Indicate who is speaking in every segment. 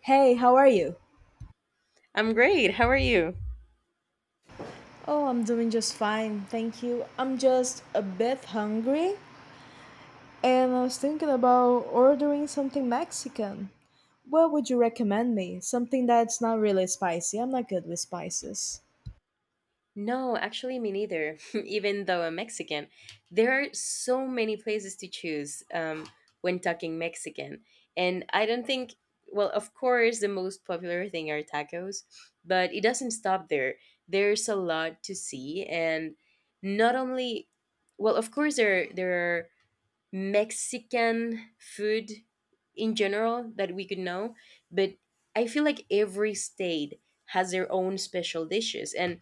Speaker 1: Hey, how are you?
Speaker 2: I'm great. How are you?
Speaker 1: Oh, I'm doing just fine, thank you. I'm just a bit hungry and I was thinking about ordering something Mexican. What would you recommend me? Something that's not really spicy. I'm not good with spices.
Speaker 2: No, actually, me neither. Even though I'm Mexican, there are so many places to choose when talking Mexican. And I don't think, well, of course, the most popular thing are tacos, but it doesn't stop there. There's a lot to see, and not only, well, of course, there are Mexican food in general that we could know, but I feel like every state has their own special dishes and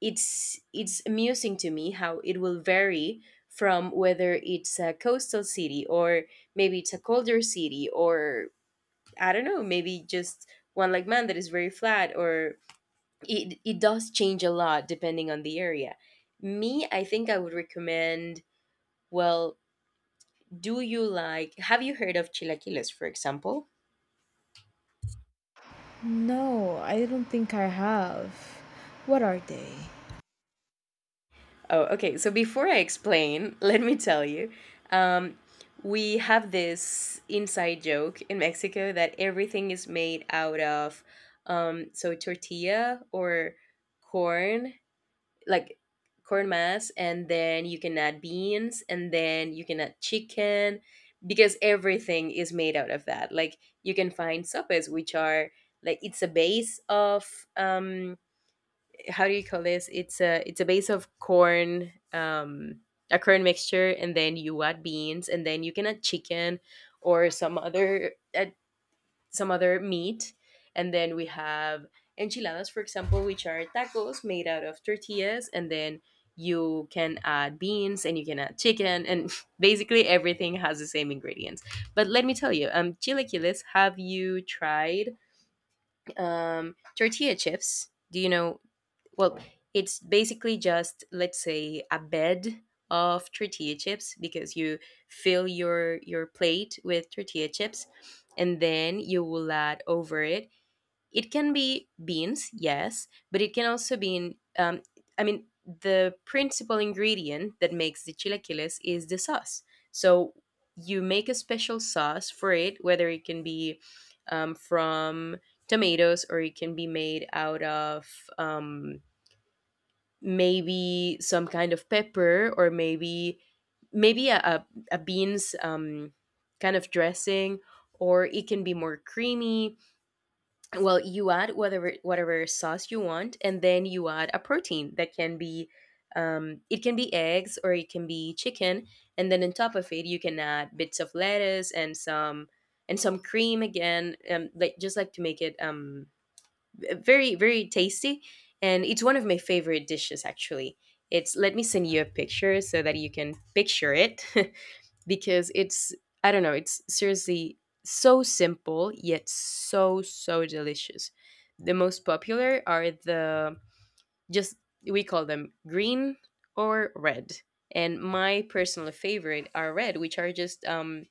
Speaker 2: it's amusing to me how it will vary from whether it's a coastal city or maybe it's a colder city or I don't know, maybe just one like man that is very flat or it does change a lot depending on the area. Me, I think I would recommend well do you like, have you heard of chilaquiles, for example?
Speaker 1: No, I don't think I have. What are they?
Speaker 2: Oh, okay. So before I explain, let me tell you. Um, we have this inside joke in Mexico that everything is made out of so tortilla or corn, like corn mass, and then you can add beans, and then you can add chicken, because everything is made out of that. Like you can find sopes, which are like it's a base of um, how do you call this? It's a base of corn, a corn mixture, and then you add beans, and then you can add chicken or some other meat, and then we have enchiladas, for example, which are tacos made out of tortillas, and then you can add beans and you can add chicken and basically everything has the same ingredients but let me tell you chilaquiles have you tried tortilla chips do you know well, it's basically just let's say a bed of tortilla chips because you fill your plate with tortilla chips and then you will add over it. It can be beans, yes, but it can also be um, I mean, the principal ingredient that makes the chilaquiles is the sauce. So you make a special sauce for it, whether it can be from tomatoes or it can be made out of. Um, Maybe some kind of pepper or maybe a beans kind of dressing or it can be more creamy well you add whatever sauce you want and then you add a protein that can be it can be eggs or it can be chicken and then on top of it you can add bits of lettuce and some cream again like just like to make it very tasty and it's one of my favorite dishes actually it's let me send you a picture so that you can picture it because it's I don't know it's seriously so simple yet so delicious the most popular are the just we call them green or red and my personal favorite are red which are just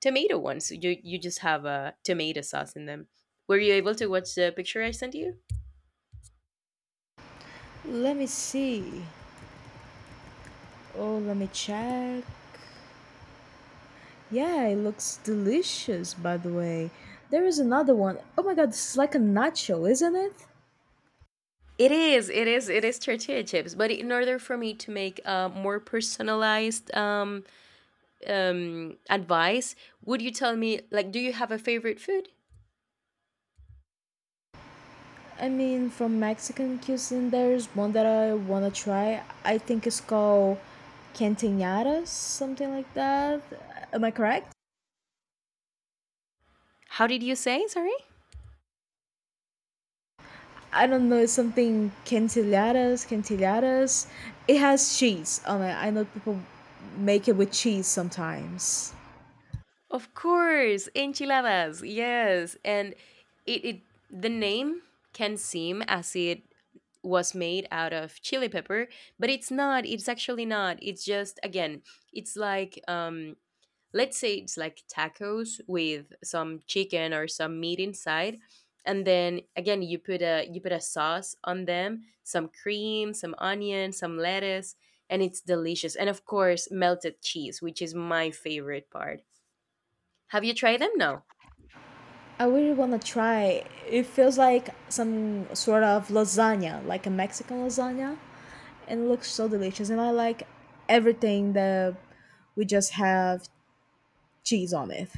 Speaker 2: tomato ones you just have a tomato sauce in them were you able to watch the picture I sent you
Speaker 1: Let me see. Oh, let me check. Yeah, it looks delicious, by the way. There is another one. Oh my god, this is like a nacho, isn't it?
Speaker 2: It is, it is, it is tortilla chips. But in order for me to make a more personalized advice, would you tell me, like, do you have a favorite food?
Speaker 1: I mean, from Mexican cuisine, there's one that I wanna try. I think it's called quinceañeras, something like that. Am I correct?
Speaker 2: How did you say? Sorry.
Speaker 1: I don't know. It's something quinceañeras, quinceañeras. It has cheese on it. I know people make it with cheese sometimes.
Speaker 2: Of course, enchiladas. Yes, and it the name can seem as it was made out of chili pepper, but it's not. It's actually not. It's just again, it's like let's say it's like tacos with some chicken or some meat inside and then again you put a sauce on them some cream some onion some lettuce and it's delicious and of course melted cheese which is my favorite part have you tried them no
Speaker 1: I really wanna try. It feels like some sort of lasagna, like a Mexican lasagna, and it looks so delicious. And I like everything that we just have cheese on it.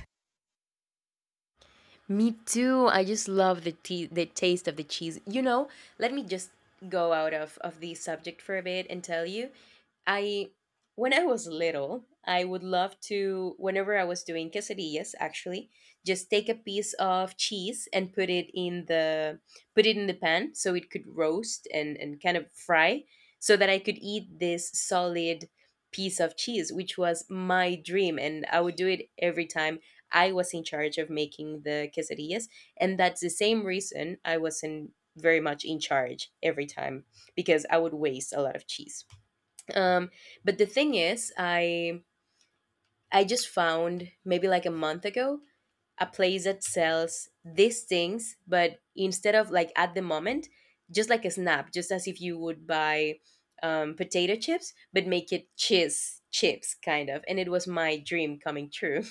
Speaker 2: Me too. I just love the tea, the taste of the cheese. You know, let me just go out of the subject for a bit and tell you, I when I was little, I would love to whenever I was doing quesadillas, actually, just take a piece of cheese and put it in the pan so it could roast and kind of fry so that I could eat this solid piece of cheese, which was my dream, and I would do it every time I was in charge of making the quesadillas, and that's the same reason I wasn't very much in charge every time because I would waste a lot of cheese. Um, but the thing is, I just found maybe like a month ago a place that sells these things, but instead of like at the moment, just like a snap, just as if you would buy potato chips, but make it cheese chips kind of. And it was my dream coming true.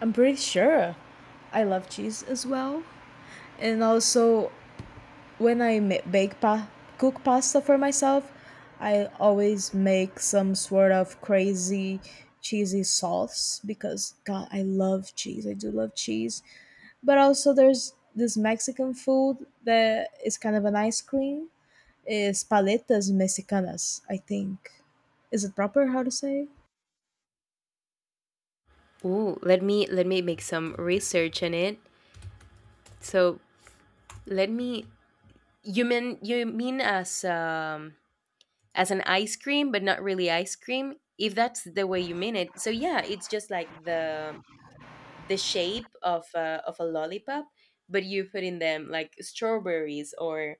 Speaker 1: I'm pretty sure I love cheese as well. And also, when I cook pasta for myself, I always make some sort of crazy cheesy sauce because God, I love cheese. I do love cheese. But also, there's this Mexican food that is kind of an ice cream. It's paletas mexicanas, I think. Is it proper how to say?
Speaker 2: Oh, let me make some research in it. So let me. You mean as an ice cream, but not really ice cream. If that's the way you mean it, so yeah, it's just like the shape of a lollipop, but you put in them like strawberries or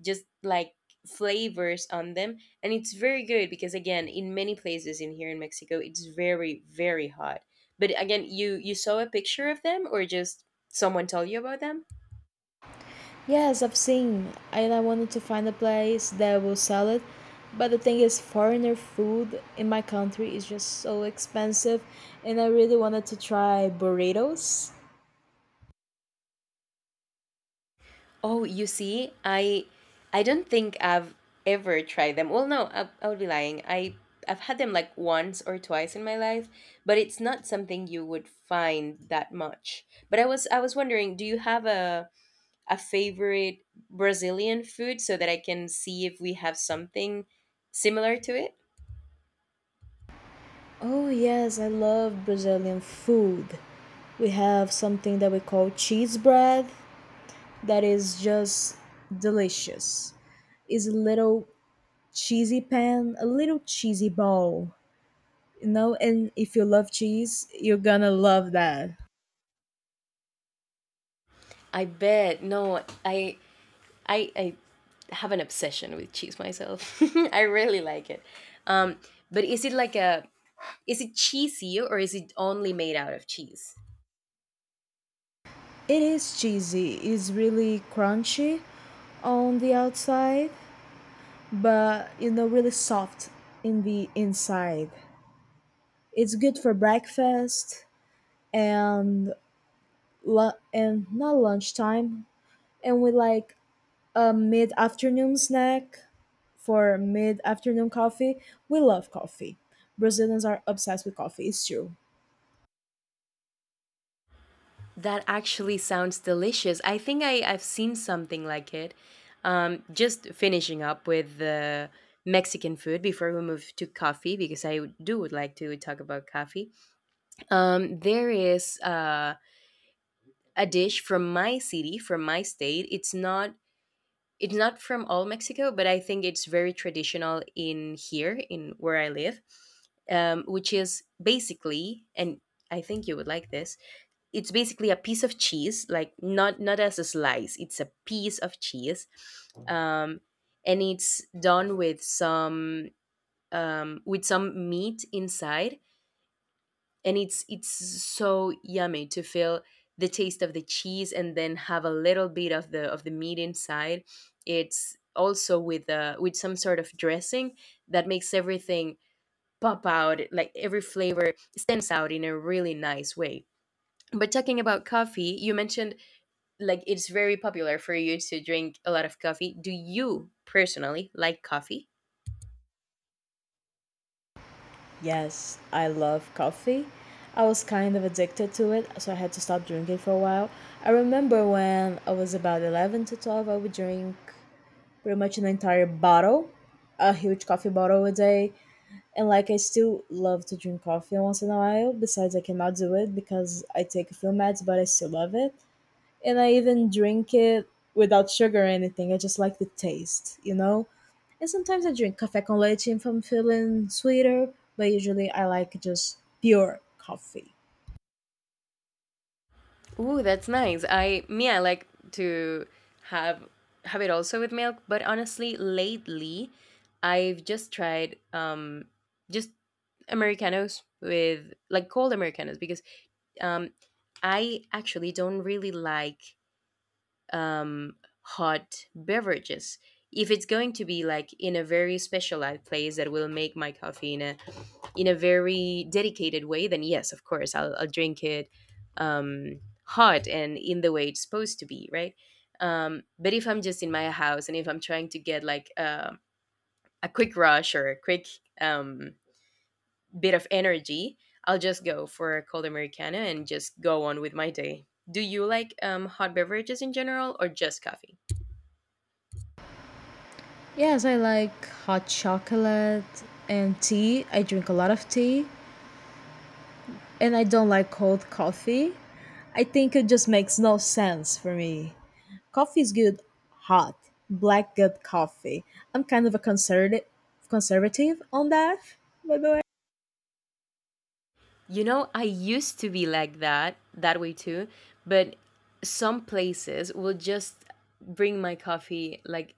Speaker 2: just like flavors on them and it's very good because again in many places in here in Mexico it's very hot but again you you saw a picture of them or just someone told you about them
Speaker 1: Yes, I've seen, and I wanted to find a place that will sell it. But the thing is, foreigner food in my country is just so expensive, and I really wanted to try burritos.
Speaker 2: oh you see i don't think I've ever tried them well no I, I would be lying i've had them like once or twice in my life but it's not something you would find that much but i was wondering do you have a favorite Brazilian food so that I can see if we have something similar to it?
Speaker 1: Oh, yes, I love Brazilian food. We have something that we call cheese bread that is just delicious. It's a little cheesy pan, a little cheesy ball, and if you love cheese, you're gonna love that.
Speaker 2: I bet. No, I have an obsession with cheese myself. I really like it. Um, but is it like a is it cheesy or is it only made out of cheese?
Speaker 1: It is cheesy. It's really crunchy on the outside, but really soft in the inside. It's good for breakfast and and not lunchtime, and with like a mid afternoon snack for mid afternoon coffee. We love coffee. Brazilians are obsessed with coffee. It's true.
Speaker 2: That actually sounds delicious. I think I've seen something like it. Just finishing up with the Mexican food before we move to coffee, because I do would like to talk about coffee. There is a dish from my city, from my state. It's not from all Mexico, but I think it's very traditional in here, in where I live, which is basically, and I think you would like this. It's basically a piece of cheese, like not as a slice. It's a piece of cheese, um, and it's done with some meat inside and it's so yummy to feel the taste of the cheese and then have a little bit of the meat inside it's also with some sort of dressing that makes everything pop out like every flavor stands out in a really nice way but talking about coffee you mentioned like it's very popular for you to drink a lot of coffee do you personally like coffee
Speaker 1: Yes, I love coffee. I was kind of addicted to it, so I had to stop drinking for a while. I remember when I was about 11 to 12, I would drink pretty much an entire bottle, a huge coffee bottle a day. And like, I still love to drink coffee once in a while. Besides, I cannot do it because I take a few meds, but I still love it and I even drink it without sugar or anything. I just like the taste, you know? And sometimes I drink café con leche if I'm feeling sweeter, but usually I like just pure coffee.
Speaker 2: Ooh, that's nice. I me, I like to have have it also with milk, but honestly, lately I've just tried just Americanos with like cold Americanos because um I actually don't really like hot beverages. If it's going to be like in a very specialized place that will make my coffee in a very dedicated way, then yes, of course, I'll drink it um, hot and in the way it's supposed to be, right? But if I'm just in my house and if I'm trying to get like a quick rush or a quick um, bit of energy, I'll just go for a cold Americano and just go on with my day. Do you like hot beverages in general or just coffee?
Speaker 1: Yes, I like hot chocolate and tea. I drink a lot of tea and I don't like cold coffee. I think it just makes no sense for me. Coffee is good hot, black good coffee. I'm kind of a conservative on that, by the way.
Speaker 2: You know, I used to be like that, that way too, but some places will just bring my coffee like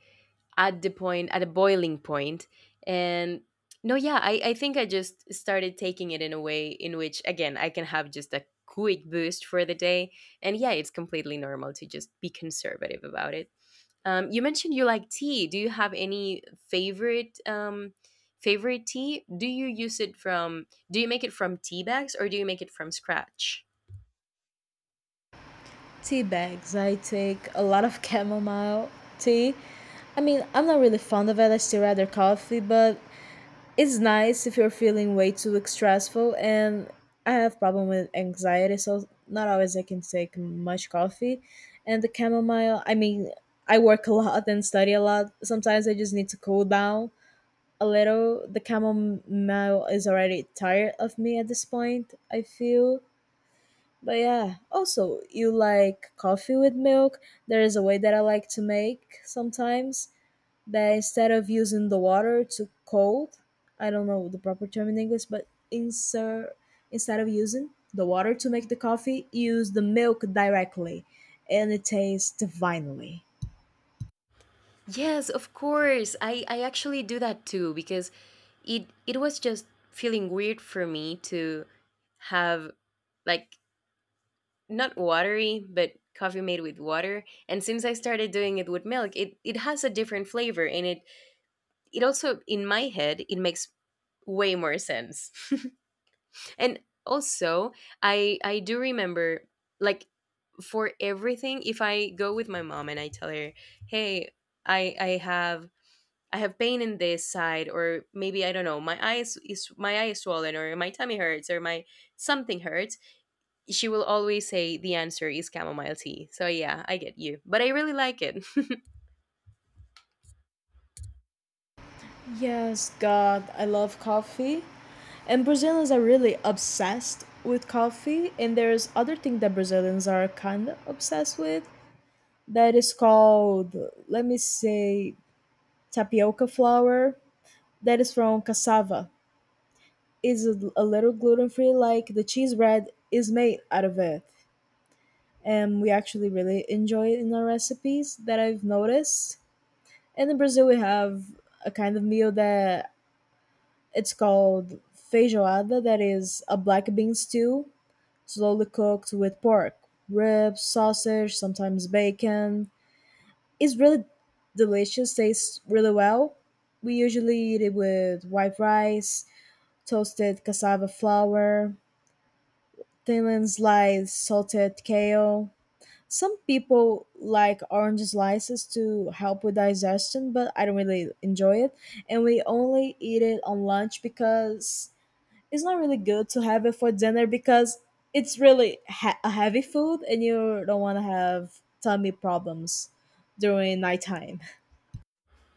Speaker 2: at the point, at a boiling point, and no, yeah, I think I just started taking it in a way in which, again, I can have just a quick boost for the day. And yeah, it's completely normal to just be conservative about it. You mentioned you like tea. Do you have any favorite favorite tea? Do you use it from? Do you make it from tea bags or do you make it from scratch?
Speaker 1: Tea bags. I take a lot of chamomile tea. I mean, I'm not really fond of it. I still rather coffee, but it's nice if you're feeling way too stressful. And I have problem with anxiety, so not always I can take much coffee. And the chamomile, I mean, I work a lot and study a lot. Sometimes I just need to cool down a little. The chamomile is already tired of me at this point. I feel, but yeah, also, you like coffee with milk? There is a way that I like to make sometimes that instead of using the water to cold, I don't know the proper term in English, but insert instead of using the water to make the coffee, use the milk directly, and it tastes divinely.
Speaker 2: Yes, of course. I actually do that too because it was just feeling weird for me to have like not watery but coffee made with water and since I started doing it with milk it has a different flavor and it also in my head it makes way more sense. And also, I do remember, like, for everything, if I go with my mom and I tell her, hey, i i have I have pain in this side, or maybe I don't know, my eye is swollen, or my tummy hurts, or my something hurts, she will always say the answer is chamomile tea. So yeah, I get you, but I really like it.
Speaker 1: Yes, God, I love coffee. And Brazilians are really obsessed with coffee, and there's other thing that Brazilians are kind of obsessed with, that is called, let me say, tapioca flour, that is from cassava. Is a little gluten free, like the cheese bread is made out of it, and we actually really enjoy it in our recipes, that I've noticed. And in Brazil we have a kind of meal that it's called feijoada, that is a black bean stew slowly cooked with pork ribs, sausage, sometimes bacon. It's really delicious, tastes really well. We usually eat it with white rice, toasted cassava flour, thinly sliced salted kale. Some people like orange slices to help with digestion, but I don't really enjoy it. And we only eat it on lunch because it's not really good to have it for dinner, because it's really a heavy food and you don't want to have tummy problems during nighttime.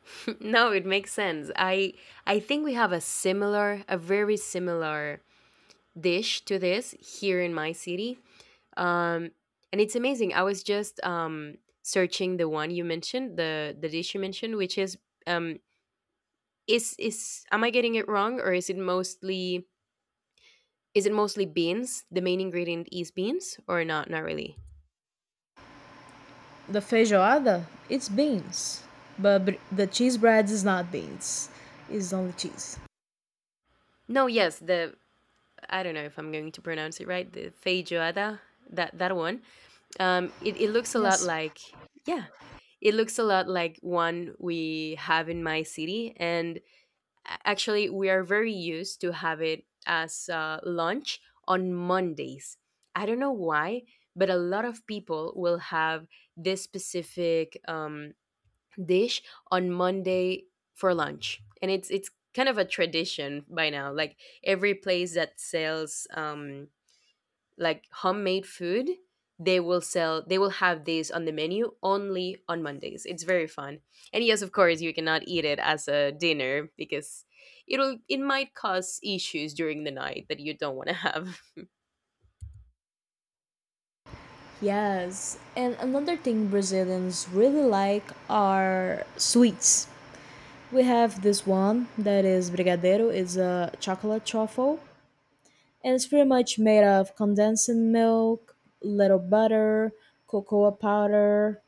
Speaker 2: No, it makes sense. I think we have a very similar dish to this here in my city. Um, and it's amazing. I was just searching the one you mentioned, the dish you mentioned, which is um, is am I getting it wrong, or is it mostly beans? The main ingredient is beans, or not? Not really.
Speaker 1: The feijoada, it's beans, but the cheese bread is not beans. It's only cheese.
Speaker 2: No, yes, the I don't know if I'm going to pronounce it right. The feijoada, that one. It looks a lot
Speaker 1: Yes.
Speaker 2: like yeah, it looks a lot like one we have in my city, and actually, we are very used to have it as lunch on Mondays. I don't know why, but a lot of people will have this specific dish on Monday for lunch, and it's kind of a tradition by now. Like every place that sells like homemade food, they will have these on the menu only on Mondays. It's very fun, and yes, of course you cannot eat it as a dinner because it might cause issues during the night that you don't want to have.
Speaker 1: Yes, and another thing Brazilians really like are sweets. We have this one that is brigadeiro, it's a chocolate truffle, and it's pretty much made of condensed milk, little butter, cocoa powder,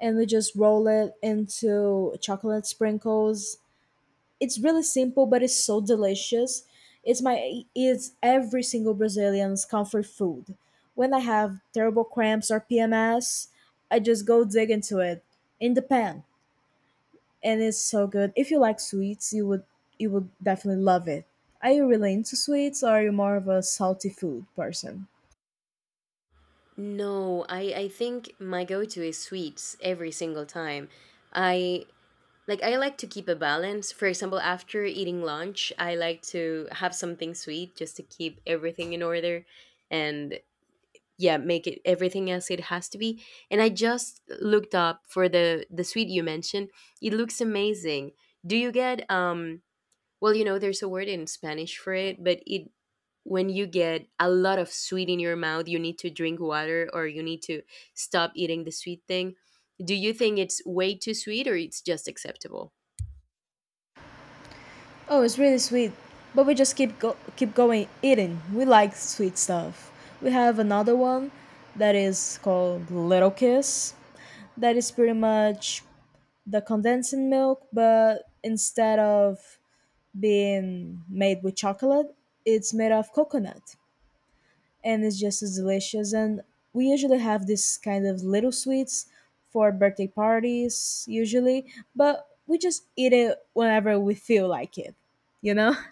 Speaker 1: and we just roll it into chocolate sprinkles. It's really simple, but it's so delicious. It's every single Brazilian's comfort food. When I have terrible cramps or PMS, I just go dig into it in the pan, and it's so good. If you like sweets, you would definitely love it. Are you really into sweets, or are you more of a salty food person?
Speaker 2: No, I think my go-to is sweets every single time. I like i like to keep a balance. For example, after eating lunch, I like to have something sweet just to keep everything in order, and yeah, make it everything else it has to be. And I just looked up for the sweet you mentioned. It looks amazing. Do you get, well, there's a word in Spanish for it, but it, when you get a lot of sweet in your mouth, you need to drink water, or you need to stop eating the sweet thing. Do you think it's way too sweet, or it's just acceptable?
Speaker 1: Oh, it's really sweet, but we just keep going eating. We like sweet stuff. We have another one that is called little kiss, that is pretty much the condensing milk, but instead of being made with chocolate, it's made of coconut, and it's just as delicious. And we usually have this kind of little sweets for birthday parties, usually, but we just eat it whenever we feel like it, you know?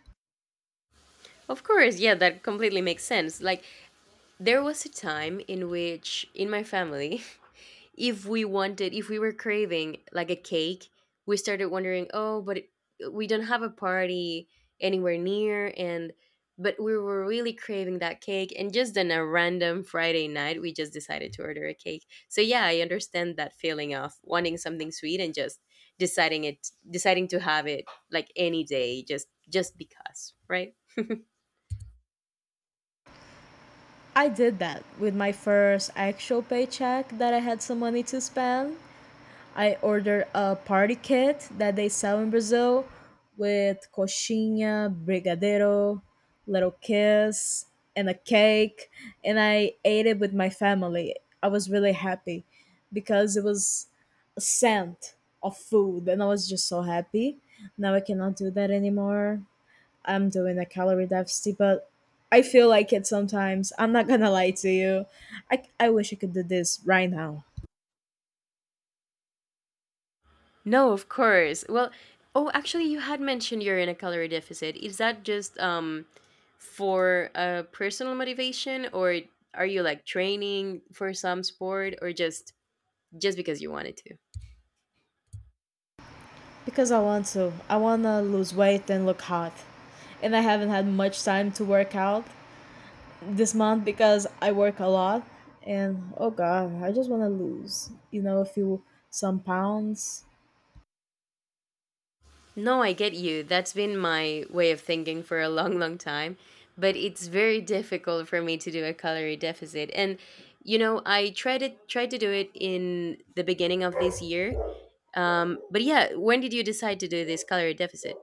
Speaker 2: Of course, yeah, that completely makes sense. Like, there was a time in which in my family, if we were craving like a cake, we started wondering, oh, but it, we don't have a party anywhere near. But we were really craving that cake. And just on a random Friday night, we just decided to order a cake. So, yeah, I understand that feeling of wanting something sweet and just deciding to have it like any day, just because, right?
Speaker 1: I did that with my first actual paycheck that I had some money to spend. I ordered a party kit that they sell in Brazil with coxinha, brigadeiro, little kiss, and a cake. And I ate it with my family. I was really happy because it was a scent of food, and I was just so happy. Now I cannot do that anymore. I'm doing a calorie deficit, but I feel like it sometimes. I'm not gonna lie to you. I wish I could do this right now.
Speaker 2: No, of course. Well, oh, actually, you had mentioned you're in a calorie deficit. Is that just for a personal motivation, or are you like training for some sport, or just because you wanted to?
Speaker 1: Because I want to. I want to lose weight and look hot. And I haven't had much time to work out this month because I work a lot. And oh god, I just want to lose a few some pounds.
Speaker 2: No, I get you. That's been my way of thinking for a long, long time, but it's very difficult for me to do a calorie deficit. And I tried to do it in the beginning of this year. But yeah, when did you decide to do this calorie deficit?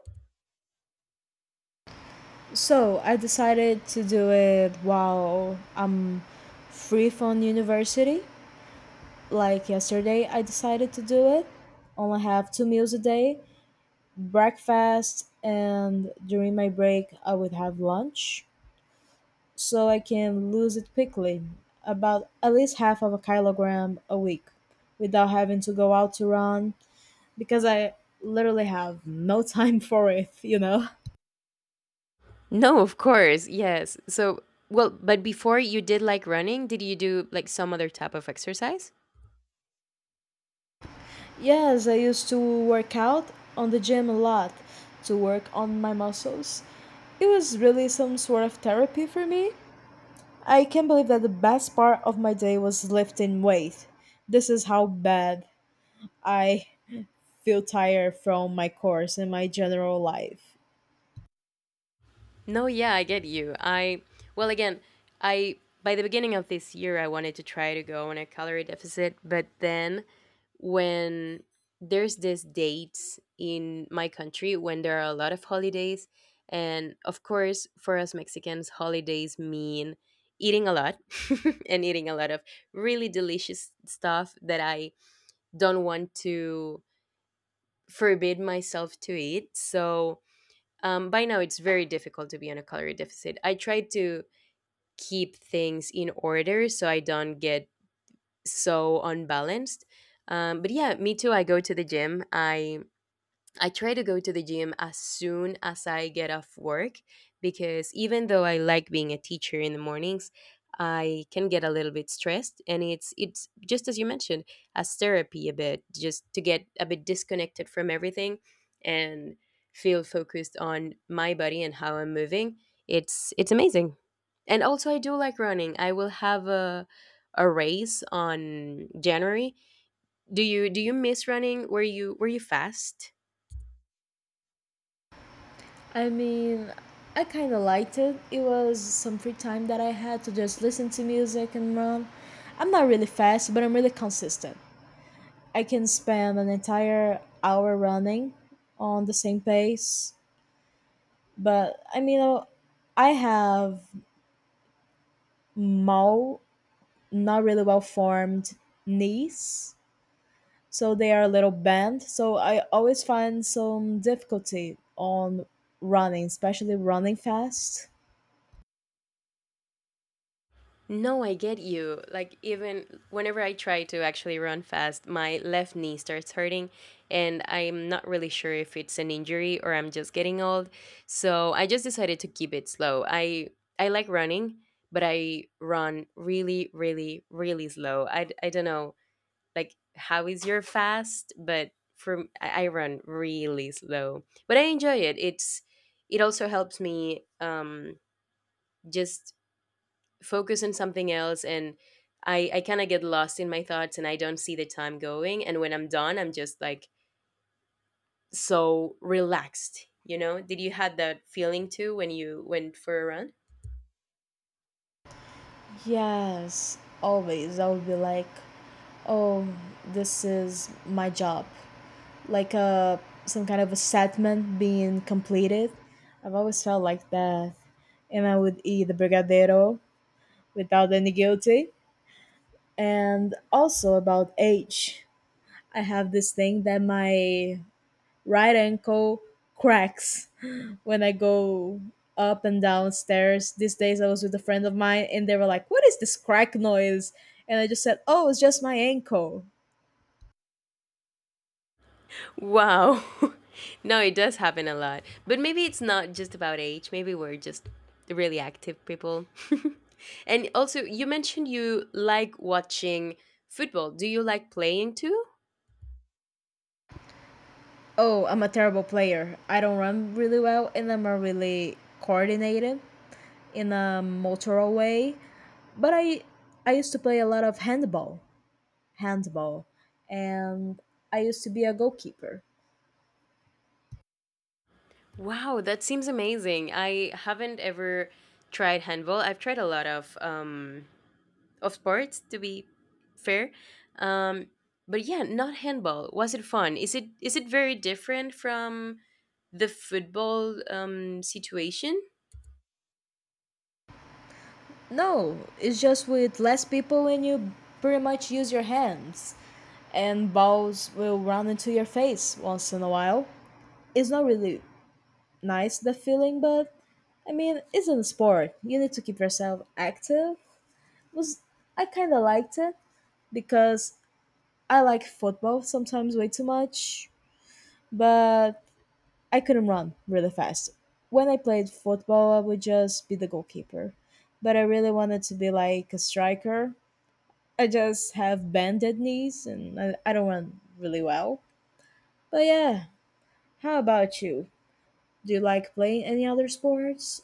Speaker 1: So I decided to do it while I'm free from university. Like yesterday, I decided to do it. Only have two meals a day, breakfast, and during my break, I would have lunch, so I can lose it quickly, about at least half of a kilogram a week, without having to go out to run because I literally have no time for it, you know?
Speaker 2: No, of course. Yes. So, well, but before you did like running, did you do like some other type of exercise?
Speaker 1: Yes, I used to work out on the gym a lot to work on my muscles. It was really some sort of therapy for me. I can't believe that the best part of my day was lifting weight. This is how bad I feel tired from my course and my general life.
Speaker 2: No, yeah, I get you. Well, again, I, by the beginning of this year, I wanted to try to go on a calorie deficit, but then when there's this dates in my country when there are a lot of holidays, and of course, for us Mexicans, holidays mean eating a lot and eating a lot of really delicious stuff that I don't want to forbid myself to eat. So by now, it's very difficult to be on a calorie deficit. I try to keep things in order so I don't get so unbalanced. But yeah, me too. I go to the gym. I try to go to the gym as soon as I get off work, because even though I like being a teacher in the mornings, I can get a little bit stressed, and it's just as you mentioned, as therapy a bit, just to get a bit disconnected from everything and feel focused on my body and how I'm moving. It's amazing. And also I do like running. I will have a race on January. Do you miss running? Were you fast?
Speaker 1: I mean, I kind of liked it. It was some free time that I had to just listen to music and run. I'm not really fast, but I'm really consistent. I can spend an entire hour running on the same pace, but I mean, I have small, not really well formed knees, so they are a little bent. So I always find some difficulty on running, especially running fast.
Speaker 2: No, I get you. Like, even whenever I try to actually run fast, my left knee starts hurting, and I'm not really sure if it's an injury or I'm just getting old. So I just decided to keep it slow. I like running, but I run really, really, really slow. I don't know, like, how is your fast? But for I run really slow, but I enjoy it. It also helps me just focus on something else, and I kind of get lost in my thoughts, and I don't see the time going, and when I'm done, I'm just like so relaxed. Did you had that feeling too when you went for a run?
Speaker 1: Yes, always. I would be like, oh, this is my job. Like a some kind of a segment being completed. I've always felt like that. And I would eat the brigadero without any guilty. And also about age, I have this thing that my right ankle cracks when I go up and down stairs. These days I was with a friend of mine and they were like, what is this crack noise? And I just said, oh, it's just my ankle.
Speaker 2: Wow. No, it does happen a lot, but maybe it's not just about age. Maybe we're just really active people. And also, you mentioned you like watching football. Do you like playing too?
Speaker 1: Oh, I'm a terrible player. I don't run really well and I'm not really coordinated in a motoral way. But I used to play a lot of handball. Handball. And I used to be a goalkeeper.
Speaker 2: Wow, that seems amazing. I haven't ever tried handball. I've tried a lot of sports to be fair. Um but yeah, not handball. Was it fun? Is it very different from the football situation?
Speaker 1: No, it's just with less people and you pretty much use your hands, and balls will run into your face once in a while. It's not really nice the feeling, but I mean, it's a sport. You need to keep yourself active. Was I kind of liked it because I like football sometimes way too much, but I couldn't run really fast. When I played football, I would just be the goalkeeper, but I really wanted to be like a striker. I just have bended knees and I don't run really well. But yeah, how about you? Do you like playing any other sports?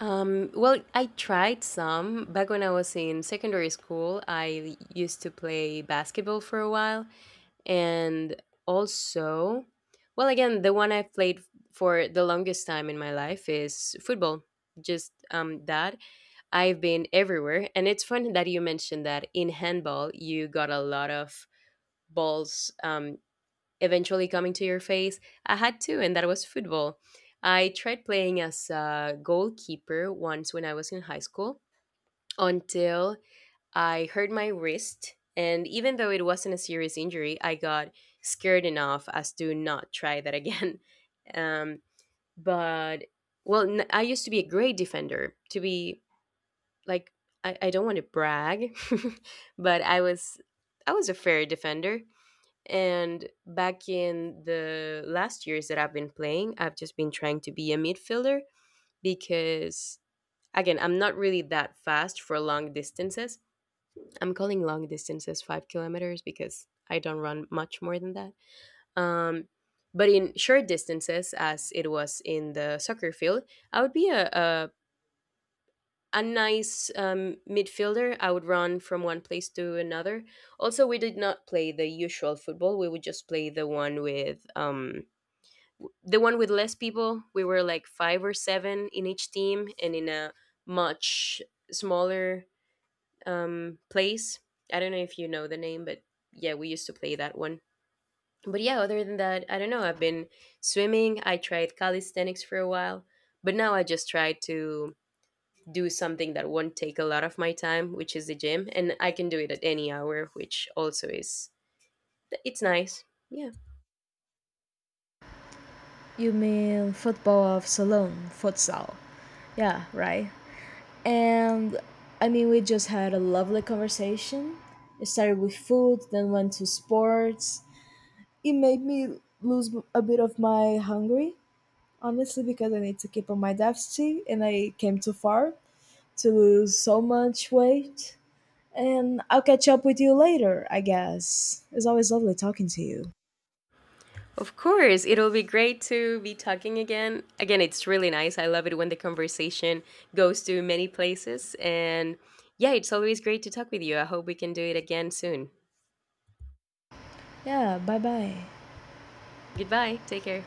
Speaker 2: Well, I tried some back when I was in secondary school. I used to play basketball for a while, and also, well, again, the one I've for the longest time in my life is football. Just that I've been everywhere. And it's fun that you mentioned that in handball you got a lot of balls eventually coming to your face. I had two, and that was football. I tried playing as a goalkeeper once when I was in high school, until I hurt my wrist, and even though it wasn't a serious injury, I got scared enough as to not try that again. Um, but well, I used to be a great defender. To be like, I don't want to brag, but I was a fair defender. And back in the last years that I've been playing, I've just been trying to be a midfielder because, again, I'm not really that fast for long distances. I'm calling long distances 5 kilometers because I don't run much more than that. Um, but in short distances, as it was in the soccer field, I would be a nice midfielder. I would run from one place to another. Also, we did not play the usual football. We would just play the one with less people. We were like five or seven in each team, and in a much smaller place. I don't know if you know the name, but yeah, we used to play that one. But yeah, other than that, I don't know. I've been swimming. I tried calisthenics for a while, but now I just try to do something that won't take a lot of my time, which is the gym, and I can do it at any hour, which also is it's nice. Yeah.
Speaker 1: You mean football of Salon, futsal. Yeah, right. And I mean, we just had a lovely conversation. It started with food, then went to sports. It made me lose a bit of my hungry, honestly, because I need to keep on my deficit and I came too far to lose so much weight. And I'll catch up with you later, I guess. It's always lovely talking to you.
Speaker 2: Of course, it'll be great to be talking again. Again, it's really nice. I love it when the conversation goes to many places. And yeah, it's always great to talk with you. I hope we can do it again soon.
Speaker 1: Yeah, bye bye.
Speaker 2: Goodbye. Take care.